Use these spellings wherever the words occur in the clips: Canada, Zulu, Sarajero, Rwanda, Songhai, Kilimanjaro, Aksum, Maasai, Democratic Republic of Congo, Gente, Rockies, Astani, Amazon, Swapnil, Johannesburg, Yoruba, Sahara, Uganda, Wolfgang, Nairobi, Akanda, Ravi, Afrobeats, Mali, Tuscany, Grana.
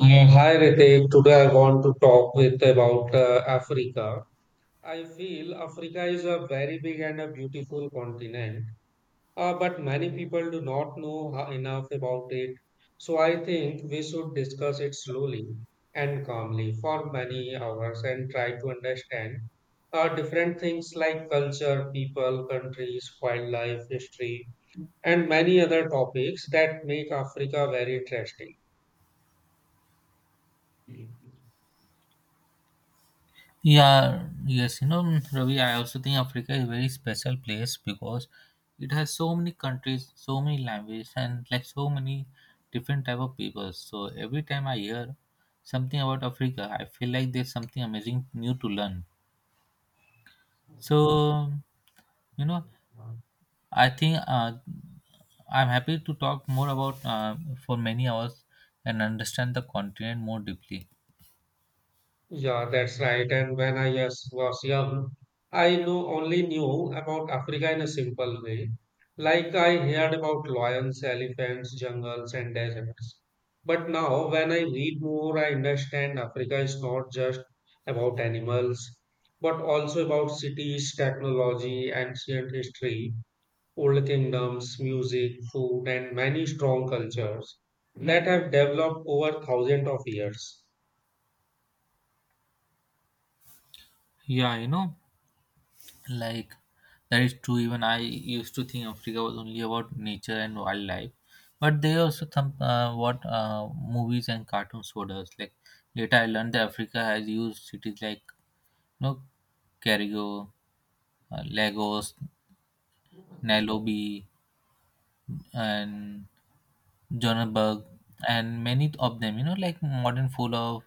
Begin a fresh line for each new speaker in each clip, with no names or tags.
Hi Ritik, today I want to talk with about Africa. I feel Africa is a very big and a beautiful continent, but many people do not know enough about it. So I think we should discuss it slowly and calmly for many hours and try to understand different things like culture, people, countries, wildlife, history, and many other topics that make Africa very interesting.
Ravi, I also think Africa is a very special place because it has so many countries, so many languages, and like so many different type of people. So every time I hear something about Africa, I feel like there's something amazing new to learn. So you know, I think uh, I'm happy to talk more about for many hours and understand the continent more deeply.
Yeah, that's right. And when I was young, I know only knew about Africa in a simple way. Like I heard about lions, elephants, jungles, and deserts. But now, when I read more, I understand Africa is not just about animals, but also about cities, technology, ancient history, old kingdoms, music, food, and many strong cultures that have developed over thousands of years.
Yeah, you know. Like that is true. Even I used to think Africa was only about nature and wildlife, but they also some what movies and cartoons showed us. Like later, I learned that Africa has used cities like you know, Carrigo, Lagos, Nairobi, and Johannesburg, and many of them. You know, like modern full of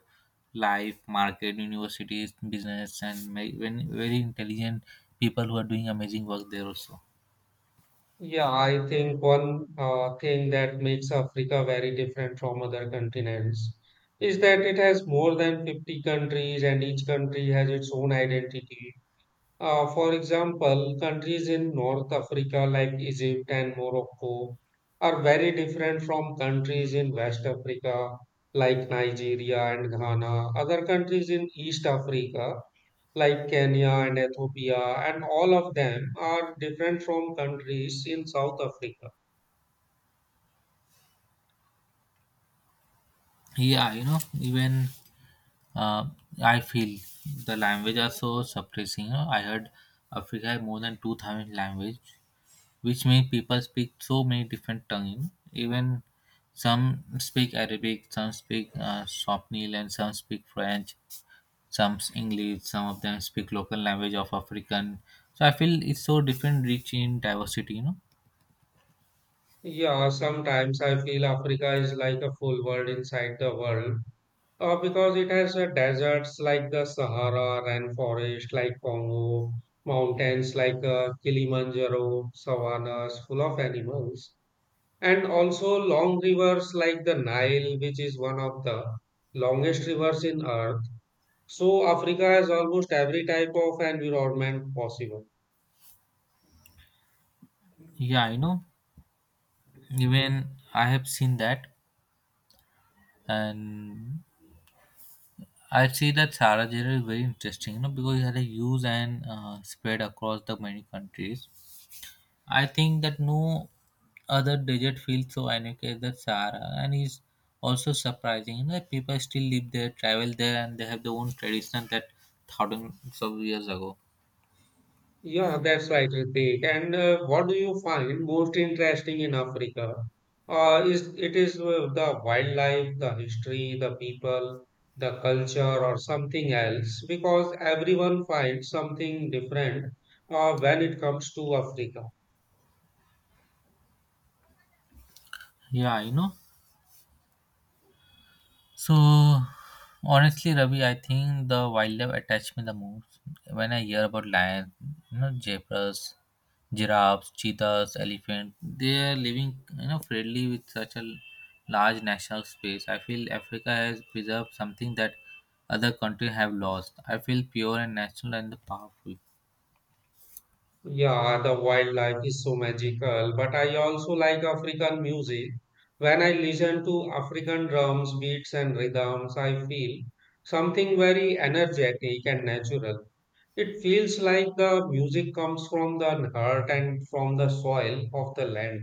life, market, universities, business, and very intelligent people who are doing amazing work there also.
Yeah, I think one thing that makes Africa very different from other continents is that it has more than 50 countries and each country has its own identity. For example, countries in North Africa like Egypt and Morocco are very different from countries in West Africa like Nigeria and Ghana. Other countries in East Africa like Kenya and Ethiopia, and all of them are different from countries in South Africa.
Yeah, you know, even uh, I feel the language are so suppressing. You know, I heard Africa have more than 2,000 language, which means people speak so many different tongues. You know? Even some speak Arabic, some speak Swapnil, and some speak French, English. Some of them speak local language of African. So I feel it's so different, rich in diversity. You know,
Yeah, sometimes I feel Africa is like a full world inside the world because it has deserts like the Sahara, rainforest like Congo, mountains like Kilimanjaro, savannas full of animals, and also long rivers like the Nile, which is one of the longest rivers in Earth. So Africa has almost every type of environment possible.
yeah, you know, even I have seen that, and I'd say that Sarajero is very interesting, you know, because it had a use and spread across the many countries. I think that no other desert feels so unique as the Sahara, and is also surprising. You know, that people still live there, travel there, and they have their own tradition that thousands of years ago.
Yeah, that's right, Ritik. And what do you find most interesting in Africa? Is it is the wildlife, the history, the people, the culture, or something else? Because everyone finds something different when it comes to Africa.
Yeah, you know, So Honestly, Ravi, I think the wildlife attached me the most. When I hear about lions, you know, zebras, giraffes, cheetahs, elephants, they are living, you know, freely with such a large national space. I feel Africa has preserved something that other countries have lost. I feel pure and natural and powerful.
Yeah, the wildlife is so magical, but I also like African music. When I listen to African drums, beats, and rhythms, I feel something very energetic and natural. It feels like the music comes from the heart and from the soil of the land.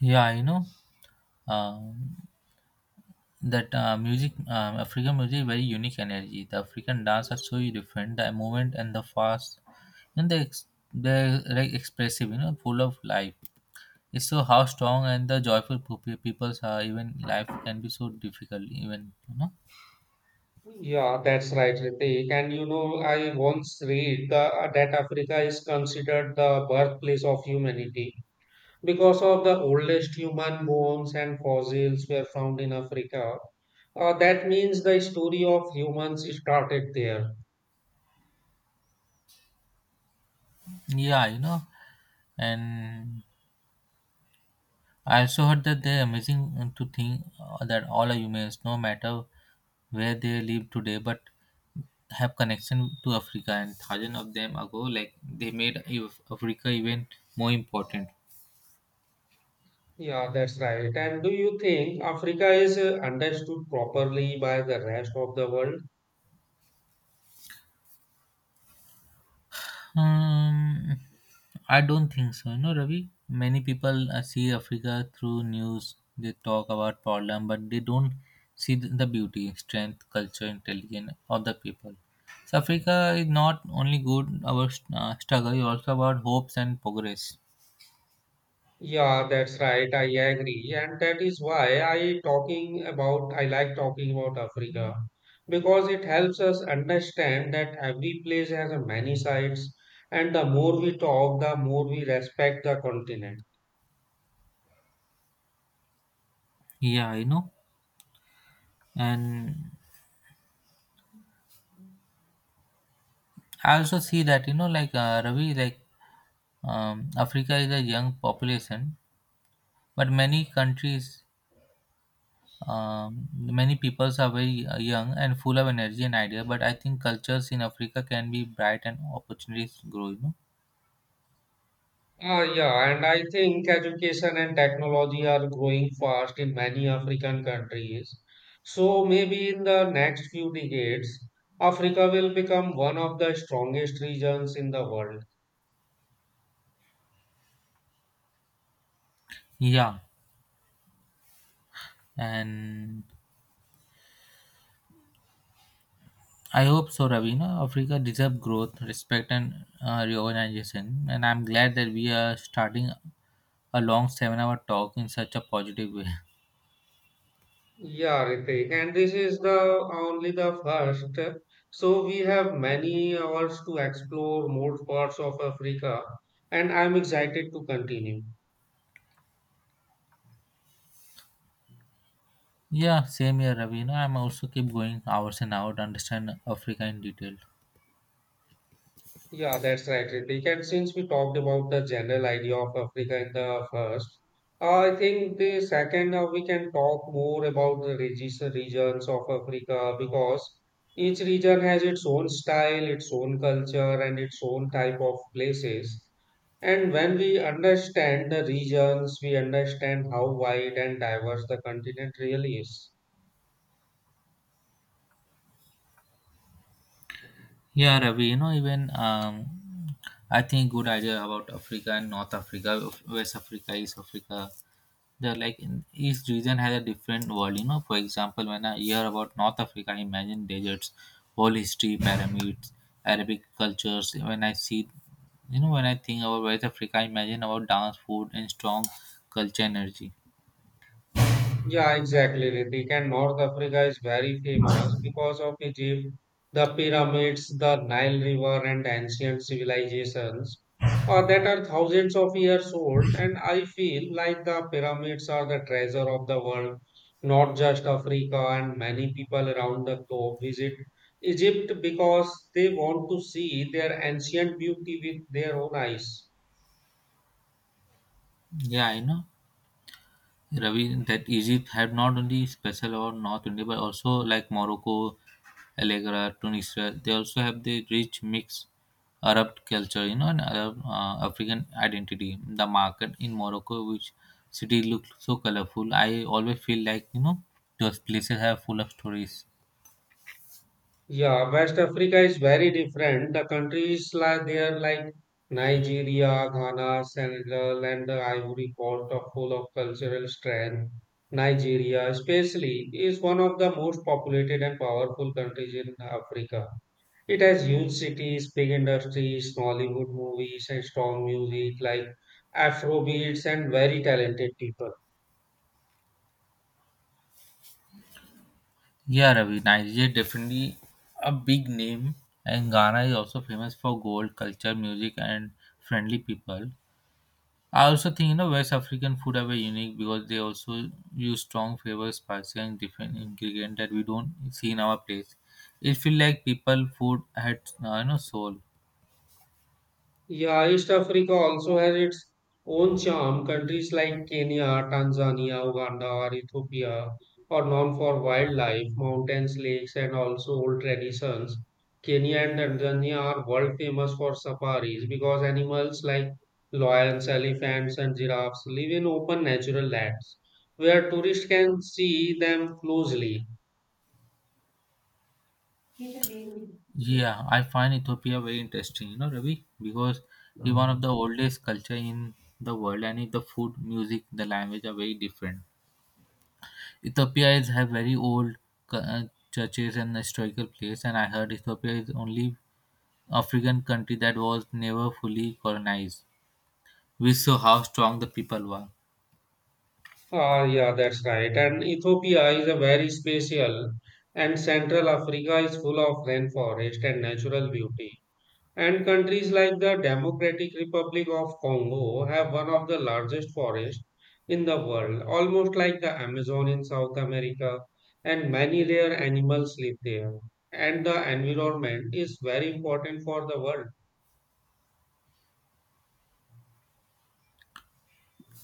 Yeah, you know. Um, that Music, african music very unique energy, the african dance are so different, the movement and the fast, and they're like expressive, you know, full of life, it's so how strong and the joyful peoples are, even life can be so difficult, even you know.
Yeah, that's right, Ritik. And you know, I once read that Africa is considered the birthplace of humanity. Because of the oldest human bones and fossils were found in Africa, that means the story of humans started there.
Yeah you know and I also heard that they're amazing to think that all are humans, no matter where they live today, but have connection to Africa. And thousands of them ago, like they made Africa even more important.
Yeah, that's right. And do you think Africa is understood properly by the rest of the world?
Um, I don't think so. You know, Ravi, many people see Africa through news. They talk about problem, but they don't see the beauty, strength, culture, intelligence of the people. So Africa is not only good about struggle, it's also about hopes and progress.
Yeah, that's right. I agree. And that is why I like talking about Africa because it helps us understand that every place has a many sides and the more we talk, the more we respect the continent.
Yeah, you know, and I also see that, you know, like Ravi, like Africa is a young population, but many countries. Many peoples are very young and full of energy and idea, but I think cultures in Africa can be bright and opportunities grow. You know.
Ah, yeah, and I think education and technology are growing fast in many African countries. So maybe in the next few decades, Africa will become one of the strongest regions in the world.
Yeah, and I hope so, Ravi. You know, Africa deserve growth, respect, and reorganization. And I'm glad that we are starting a long 7-hour talk in such a positive way.
Yeah, Ritik, and this is the only the first. So we have many hours to explore more parts of Africa, and I'm excited to continue.
Yeah, same here, Ravi. You know, I'm also keep going hours and hours to understand Africa in detail.
Yeah, that's right, Ritik. And since we talked about the general idea of Africa in the first, I think the second we can talk more about the regions of Africa because each region has its own style, its own culture, and its own type of places. And when we understand the regions, we understand how wide and diverse the continent really is.
Yeah, Ravi, you know, even I think good idea about Africa and North Africa, West Africa, East Africa. They're like in each region has a different world. You know, for example, when I hear about North Africa, I imagine deserts, whole history, pyramids, Arabic cultures. When I see, you know, when I think about West Africa, I imagine about dance, food, and strong culture energy.
Yeah, exactly, Ritik. And North Africa is very famous because of Egypt, the pyramids, the Nile River, and ancient civilizations that are thousands of years old. And I feel like the pyramids are the treasure of the world, not just Africa. And many people around the globe visit Egypt because they want to see their ancient beauty with their own eyes.
Yeah, you know. Ravi, that Egypt had not only special or North India, but also like Morocco, Allegra, Tunisia, they also have the rich mix Arab culture, you know, and Arab African identity. The market in Morocco, which city looks so colorful, I always feel like, you know, those places are full of stories.
Yeah, West Africa is very different. The countries like there like Nigeria, Ghana, Senegal, and the Ivory Coast are full of cultural strength. Nigeria, especially, is one of the most populated and powerful countries in Africa. It has huge cities, big industries, Nollywood movies, and strong music like Afrobeats and very talented people.
Yeah, Ravi, Nigeria definitely a big name, and Ghana is also famous for gold, culture, music, and friendly people. I also think, you know, West African food are very unique because they also use strong flavors, spices, and different ingredient that we don't see in our place. It feels like people food had you know, soul.
Yeah, East Africa also has its own charm. Countries like Kenya, Tanzania, Uganda, or Ethiopia are known for wildlife, mountains, lakes, and also old traditions. Kenya and Tanzania are world famous for safaris because animals like lions, elephants, and giraffes live in open natural lands where tourists can see them closely.
Yeah, I find Ethiopia very interesting, you know, Ravi, because it's one of the oldest culture in the world, and the food, music, the language are very different. Ethiopia is have very old cu- uh, churches and historical place, and I heard Ethiopia is only African country that was never fully colonized. We saw how strong the people were.
Ah, yeah, that's right. And Ethiopia is a very special, and Central Africa is full of rainforest and natural beauty. And countries like the Democratic Republic of Congo have one of the largest forests in the world, almost like the Amazon in South America, and many rare animals live there. And the environment is very important for the world.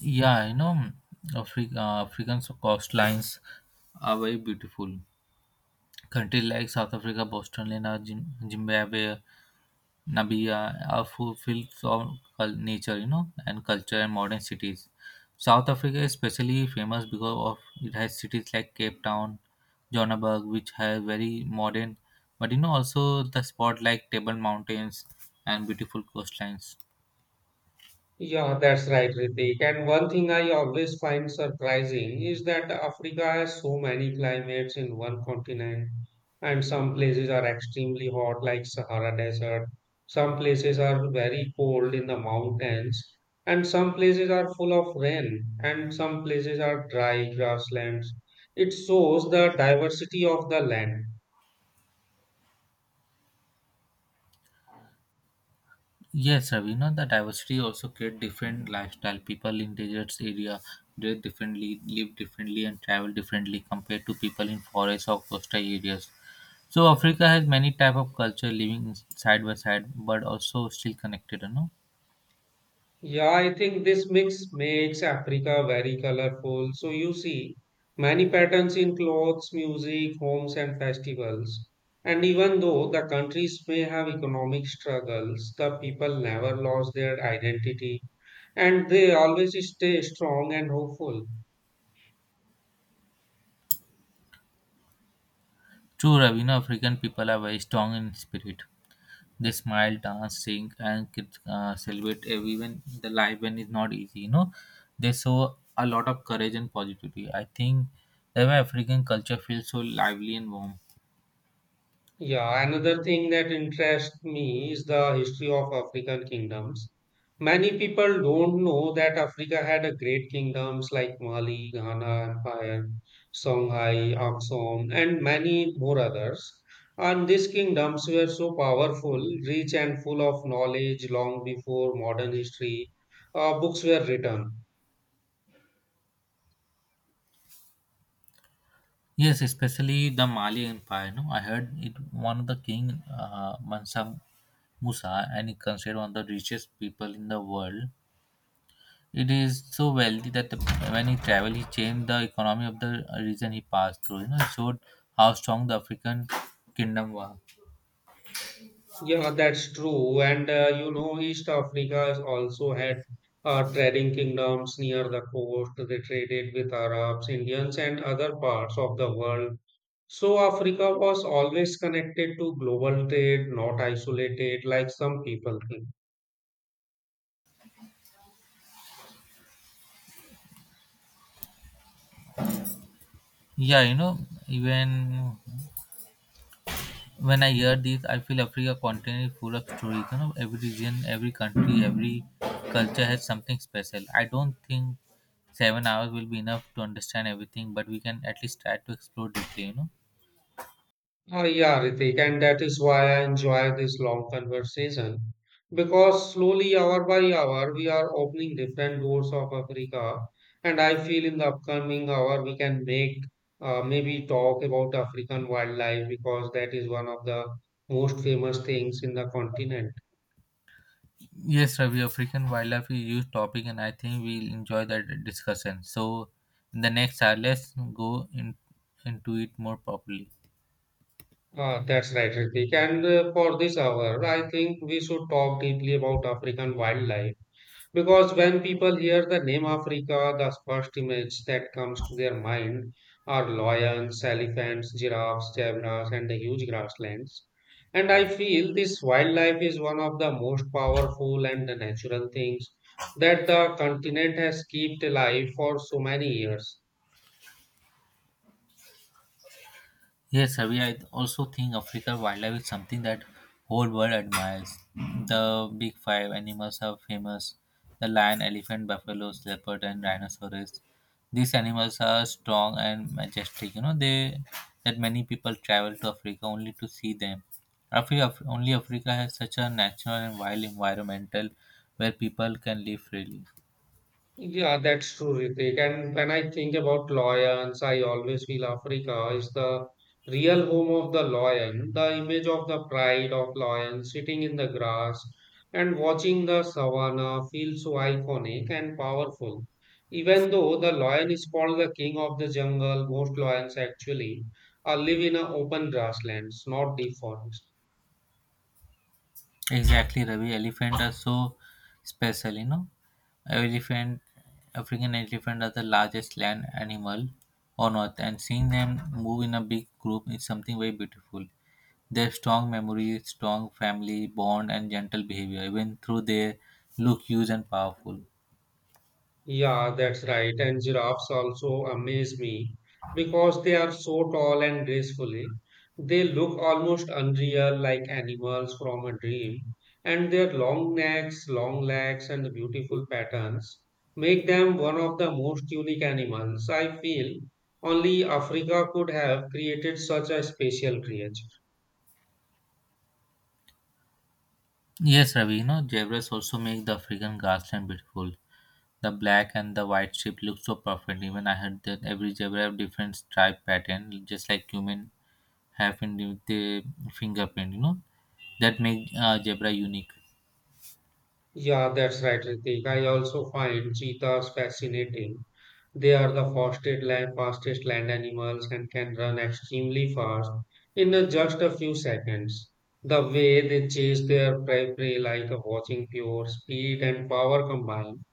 Yeah, you know, African coastlines are very beautiful. Countries like South Africa, Botswana, Zimbabwe, Namibia are full filled of nature, you know, and culture and modern cities. South Africa is especially famous because of it has cities like Cape Town, Johannesburg, which have very modern, but you know also the spot like Table Mountains and beautiful coastlines.
Yeah, that's right, Ritik. And one thing I always find surprising is that Africa has so many climates in one continent, and some places are extremely hot, like Sahara Desert. Some places are very cold in the mountains, and some places are full of rain, and some places are dry grasslands. It shows the diversity of the land.
Yes, Ravi, you know the diversity also create different lifestyle. People in deserts area dress differently, live differently, and travel differently compared to people in forests or coastal areas. So Africa has many type of culture living side by side, but also still connected. You know,
Yeah, I think this mix makes Africa very colorful. So you see many patterns in clothes, music, homes, and festivals. And even though the countries may have economic struggles, the people never lost their identity and they always stay strong and hopeful.
true, Ravi. You know, African people are very strong in spirit. They smile, dance, sing, and kids celebrate, even the life when is not easy, you know, they show a lot of courage and positivity. I think that my african culture feels so lively and warm.
Yeah, another thing that interests me is the history of African kingdoms. Many people don't know that Africa had a great kingdoms like Mali, Ghana Empire, Songhai, Aksum, and many more others. And these kingdoms were so powerful, rich, and full of knowledge long before modern history books were written.
Yes, especially the Mali empire, no, I heard it one of the king, Mansa Musa, and he considered one of the richest people in the world. It is so wealthy that the, when he traveled he changed the economy of the region he passed through, you know, it showed how strong the african kingdom was.
Yeah, that's true. And you know, East Africa has also had trading kingdoms near the coast. They traded with Arabs, Indians, and other parts of the world. So Africa was always connected to global trade, not isolated like some people think.
Yeah, you know, even when I hear this, I feel Africa continent is full of stories. You know, every region, every country, every culture has something special. I don't think 7 hours will be enough to understand everything, but we can at least try to explore deeply. You know.
Oh, yeah, Ritik, and that is why I enjoy this long conversation because slowly, hour by hour, we are opening different doors of Africa. And I feel in the upcoming hour, we can make maybe talk about African wildlife because that is one of the most famous things in the continent.
Yes, Ravi, African wildlife is a huge topic, and I think we'll enjoy that discussion. So, in the next hour, let's into it more properly.
That's right, Ritik. And for this hour, I think we should talk deeply about African wildlife. Because when people hear the name Africa, the first image that comes to their mind are lions, elephants, giraffes, zebras, and the huge grasslands. And I feel this wildlife is one of the most powerful and the natural things that the continent has kept alive for so many years.
Yes, Ravi, I also think African wildlife is something that whole world admires. The big five animals are famous. The lion, elephant, buffaloes, leopard and rhinoceros. These animals are strong and majestic. You know, they that many people travel to Africa only to see them. Africa, only Africa has such a natural and wild environmental where people can live freely.
Yeah, that's true, Ritik. And when I think about lions, I always feel Africa is the real home of the lion, the image of the pride of lions sitting in the grass and watching the savannah feels so iconic and powerful. Even though the lion is called the king of the jungle, most lions actually live in a open grasslands, not deep forests.
Exactly, Ravi. Elephant are so special, you know. Elephant, African elephant are the largest land animal on earth, and seeing them move in a big group is something very beautiful. Their strong memory, strong family bond, and gentle behavior, even through their look huge and powerful.
Yeah, that's right. And giraffes also amaze me because they are so tall and gracefully. They look almost unreal, like animals from a dream. And their long necks, long legs, and beautiful patterns make them one of the most unique animals. I feel only Africa could have created such a special creature.
Yes, Ravi. You know, zebras also make the African grassland beautiful. The black and the white strip look so perfect. Even I heard that every zebra have different stripe pattern, just like human happened with the fingerprint, you know, that make zebra unique.
Yeah, that's right, Ritik. I also find cheetahs fascinating. They are the fastest land animals and can run extremely fast in just a few seconds. The way they chase their prey like a watching pure speed and power combined.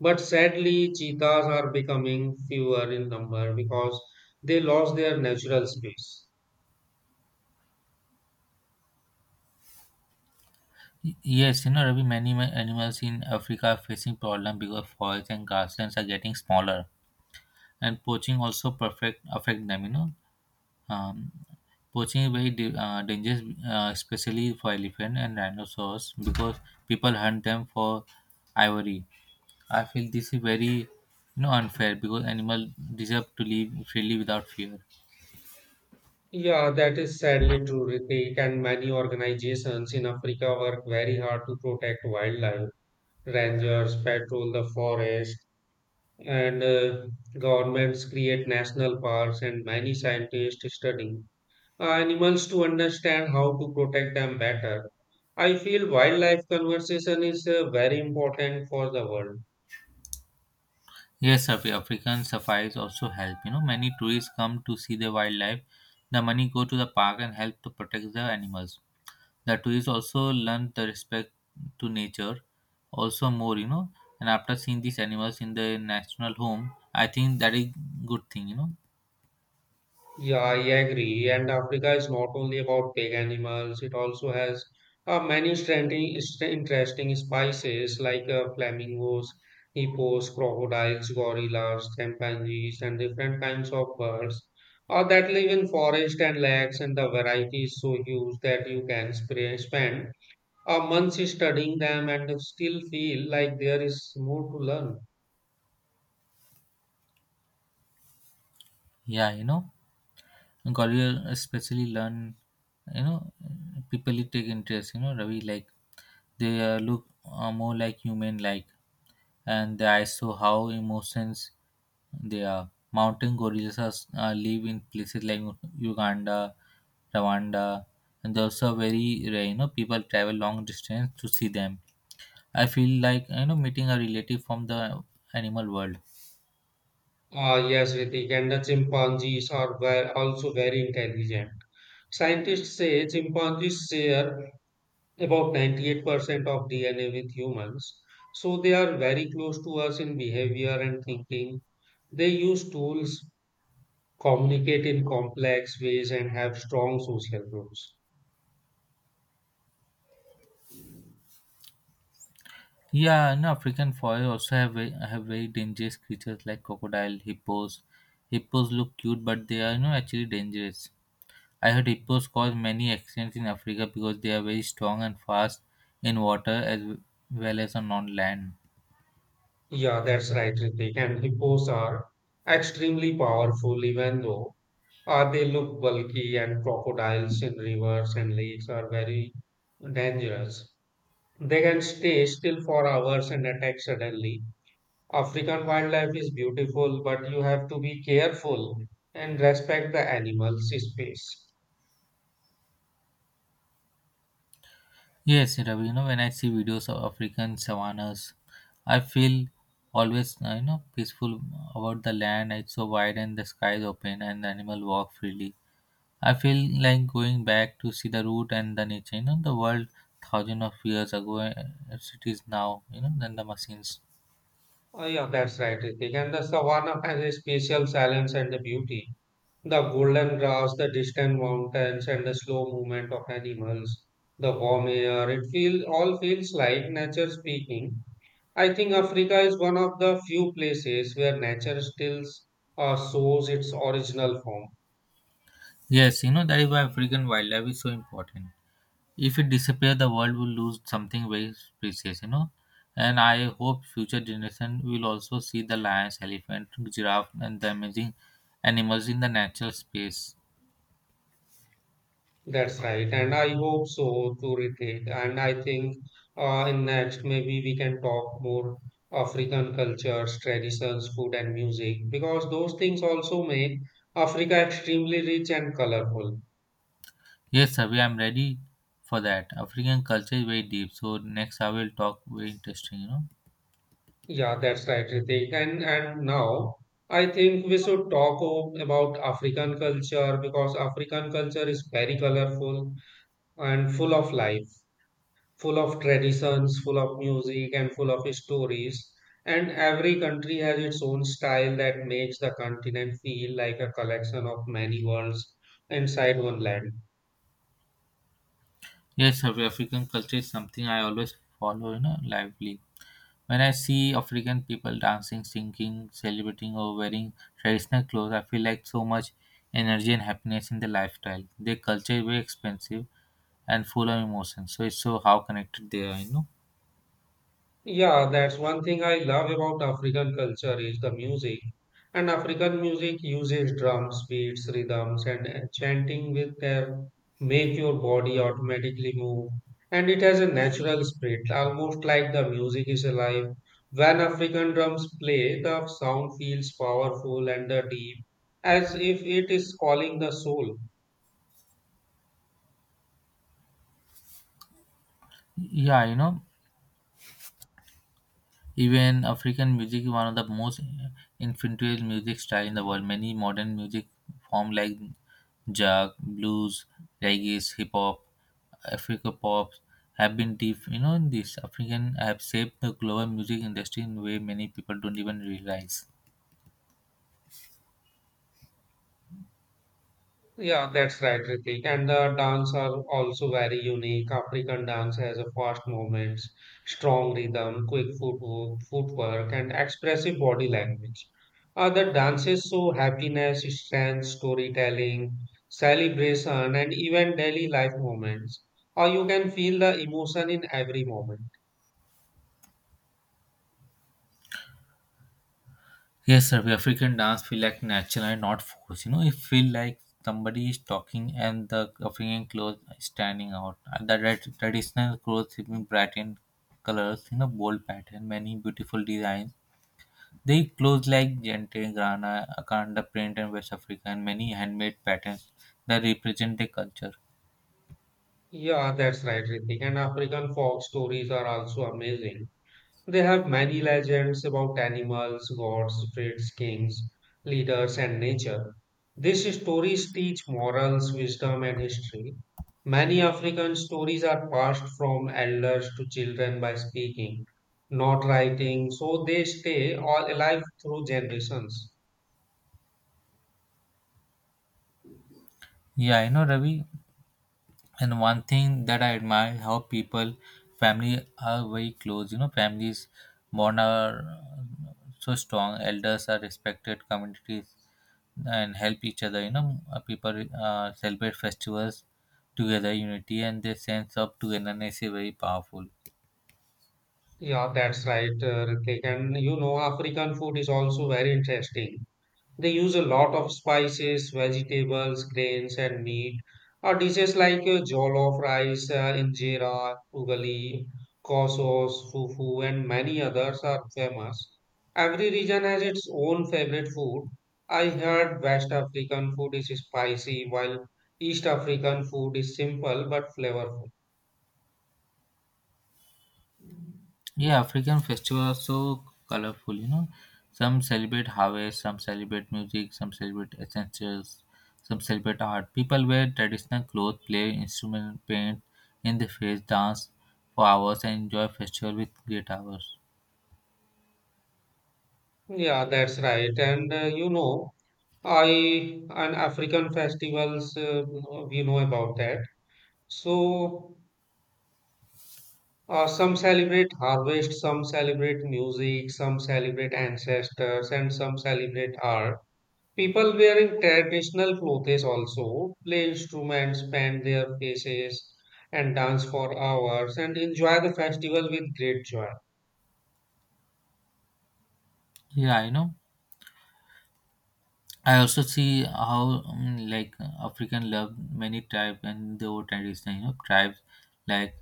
But sadly, cheetahs are becoming fewer in number because they lost their natural space.
Yes, you know, Ravi, many animals in africa are facing problem because forests and grasslands are getting smaller, and poaching also perfect affect them, you know. um, Poaching is very dangerous especially for elephant and rhinoceros because people hunt them for ivory. I feel this is very, you know, unfair because animal deserve to live freely without fear.
Yeah, that is sadly true, Ritik, and many organizations in Africa work very hard to protect wildlife. Rangers patrol the forest and governments create national parks and many scientists study animals to understand how to protect them better. I feel wildlife conservation is very important for the world.
Yes, African safaris also help. You know, many tourists come to see the wildlife. The money go to the park and help to protect the animals. The tourists also learn the respect to nature, also more. You know, and after seeing these animals in the national home, I think that is good thing. You know,
Yeah, I agree. And Africa is not only about big animals, it also has many interesting species like flamingos, hippos, crocodiles, gorillas, chimpanzees, and different kinds of birds that live in forest and lakes. And the variety is so huge that you can spend months studying them and still feel like there is more to learn.
yeah, you know. Got to Especially learn, you know, people take interest, you know, Ravi, like they look more like human like, and I saw how emotions they are. Mountain gorillas are, live in places like Uganda, Rwanda, and they're also very rare, you know, people travel long distance to see them. I feel like, you know, meeting a relative from the animal world.
Ah, yes, Ritik, and the chimpanzees are also very intelligent. Scientists say chimpanzees share about 98% of DNA with humans, so they are very close to us in behavior and thinking. They use tools, communicate in complex ways, and have strong social groups.
Yeah, and African forests also have very dangerous creatures like crocodile, hippos. Hippos look cute, but they are, you know, actually dangerous. I heard hippos cause many accidents in Africa because they are very strong and fast in water as well as on land.
Yeah, that's right, Ritik. And hippos are extremely powerful, even though they look bulky, and crocodiles in rivers and lakes are very dangerous. They can stay still for hours and attack suddenly. African wildlife is beautiful, but you have to be careful and respect the animals' space.
Yes, Ravi, you know, when I see videos of African savannas, I feel always, you know, peaceful about the land. It's so wide and the sky is open and the animal walk freely. I feel like going back to see the root and the nature. You know, the world thousand of years ago as it is now. You know, than the machines.
Oh, yeah, that's right, Ritik. And the savanna has a special silence and a beauty. The golden grass, the distant mountains, and the slow movement of animals, the warm air, all feels like nature speaking. I think Africa is one of the few places where nature still shows its original form.
Yes, you know that is why African wildlife is so important. If it disappears, the world will lose something very precious. You know, and I hope future generation will also see the lions, elephant, giraffe, and the amazing animals in the natural space.
That's right, and I hope so too, Ritik. And I think in next maybe we can talk more African cultures, traditions, food, and music because those things also make Africa extremely rich and colorful.
Yes, Savi, I'm ready for that. African culture is very deep, so next I will talk very interesting. You know.
Yeah, that's right, Ritik. And now I think we should talk about African culture because African culture is very colorful and full of life, full of traditions, full of music, and full of stories. And every country has its own style that makes the continent feel like a collection of many worlds inside one land.
Yes, South African culture is something I always follow, you know, lively. When I see African people dancing, singing, celebrating, or wearing traditional clothes, I feel like so much energy and happiness in their lifestyle. Their culture is very expensive and full of emotion, so it's so how connected they are, you know.
Yeah, that's one thing I love about African culture is the music. And African music uses drums, beats, rhythms, and chanting with their make your body automatically move. And it has a natural spirit, almost like the music is alive. When African drums play, the sound feels powerful and deep, as if it is calling the soul.
Yeah, you know, even African music is one of the most influential music style in the world. Many modern music form like jazz, blues, reggae, hip hop, Africa pop have been deep. You know, this African have shaped the global music industry in a way many people don't even realize.
Yeah, that's right, Ritik. And the dance are also very unique. African dance has a fast movements, strong rhythm, quick footwork, and expressive body language. Other dances show happiness, strength, storytelling, celebration, and even daily life moments. Or you can feel the emotion in every moment.
Yes, sir. The African dance feel like natural and not forced. You know, it feel like somebody is talking and the African clothes is standing out. And the traditional clothes in bright and colors, you know, bold pattern, many beautiful designs. They clothes like Gente, Grana, Akanda print and West Africa and many handmade patterns that represent the culture.
Yeah, that's right, Ritik. And African folk stories are also amazing. They have many legends about animals, gods, spirits, kings, leaders, and nature. These stories teach morals, wisdom, and history. Many African stories are passed from elders to children by speaking, not writing, so they stay all alive through generations.
Yeah, I know, Ravi. And one thing that I admire how people, family are very close. You know, families bond are so strong. Elders are respected. Communities and help each other. You know, people celebrate festivals together, unity, and their sense of togetherness is very powerful.
Yeah, that's right, Ritik. And you know, African food is also very interesting. They use a lot of spices, vegetables, grains, and meat. Dishes like jollof rice, injera, ugali, kosos, fufu, and many others are famous. Every region has its own favorite food. I heard West African food is spicy, while East African food is simple but flavorful.
Yeah, African festivals are so colorful, you know. Some celebrate harvest, some celebrate music, some celebrate essentials, some celebrate art. People wear traditional clothes, play instrument, paint in the face, dance for hours, and enjoy festival with great hours.
Yeah, that's right. And you know, I and African festivals, you know about that So, some celebrate harvest, some celebrate music, some celebrate ancestors, and some celebrate art. People wearing traditional clothes also play instruments, paint their faces, and dance for hours and enjoy the festival with great joy.
Yeah, you know. I also see how like African love many tribes and their own tradition. You know, tribes like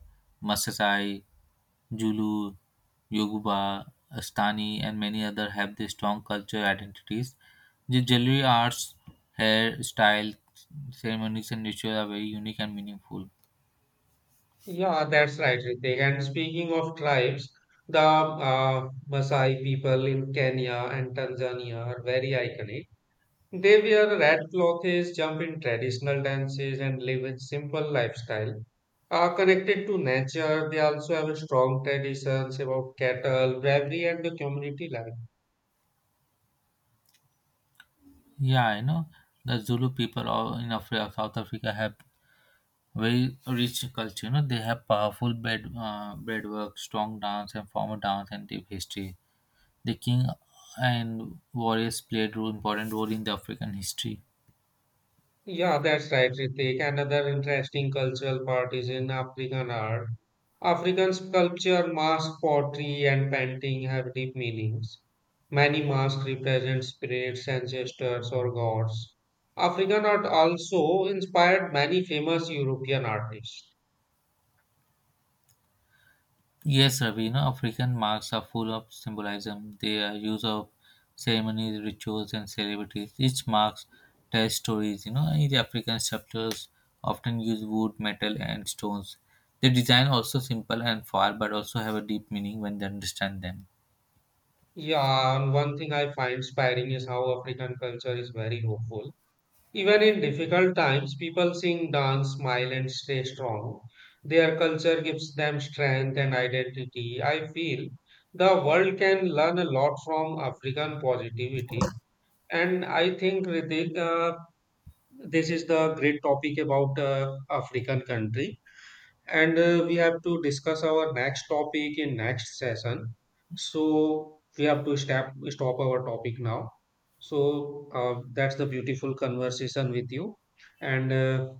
Maasai, Zulu, Yoruba, Astani, and many other have their strong cultural identities. The jewelry arts, hair style, ceremonies, and rituals are very unique and meaningful.
Yeah, that's right, Ritik. And speaking of tribes, the Maasai people in Kenya and Tanzania are very iconic. They wear red clothes, jump in traditional dances, and live a simple lifestyle. Are connected to nature, they also have strong traditions about cattle, bravery, and the community life.
Yeah, I know the Zulu people all in Africa, South Africa have very rich culture. You know, they have powerful bed bread work, strong dance, and formal dance and deep history. The king and warriors played important role in the African history.
Yeah, that's right, Ritik. Another interesting cultural part is in African art. African sculpture, mask pottery, and painting have deep meanings. Many masks represent spirits, ancestors, or gods. African art also inspired many famous European artists.
Yes, Ravi, you know, African marks are full of symbolism. They are use of ceremonies, rituals, and celebrities. Each marks tells stories. You know, in the African sculptures often use wood, metal, and stones. The design also simple and far, but also have a deep meaning when they understand them.
Yeah, and one thing I find inspiring is how African culture is very hopeful. Even in difficult times, people sing, dance, smile, and stay strong. Their culture gives them strength and identity. I feel the world can learn a lot from African positivity. And I think, Ritik, this is the great topic about African country, and we have to discuss our next topic in next session, so we have to stop our topic now. So that's the beautiful conversation with you, and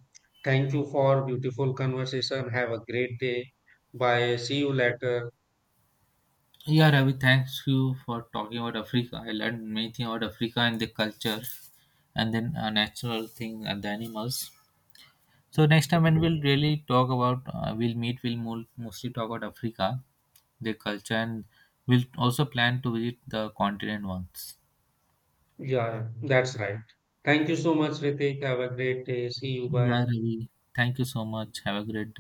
thank you for beautiful conversation. Have a great day. Bye, see you later.
Yeah, Ravi, thanks you for talking about Africa. I learned many things about Africa and the culture, and then a natural thing and the animals. So next time when we'll really talk about, we'll meet. We'll mostly talk about Africa, their culture, and we'll also plan to visit the continent once.
Yeah, that's right. Thank you so much, Ritik. Have a great day. See you.
Yeah,
Bye.
Ravi. Thank you so much. Have a great day.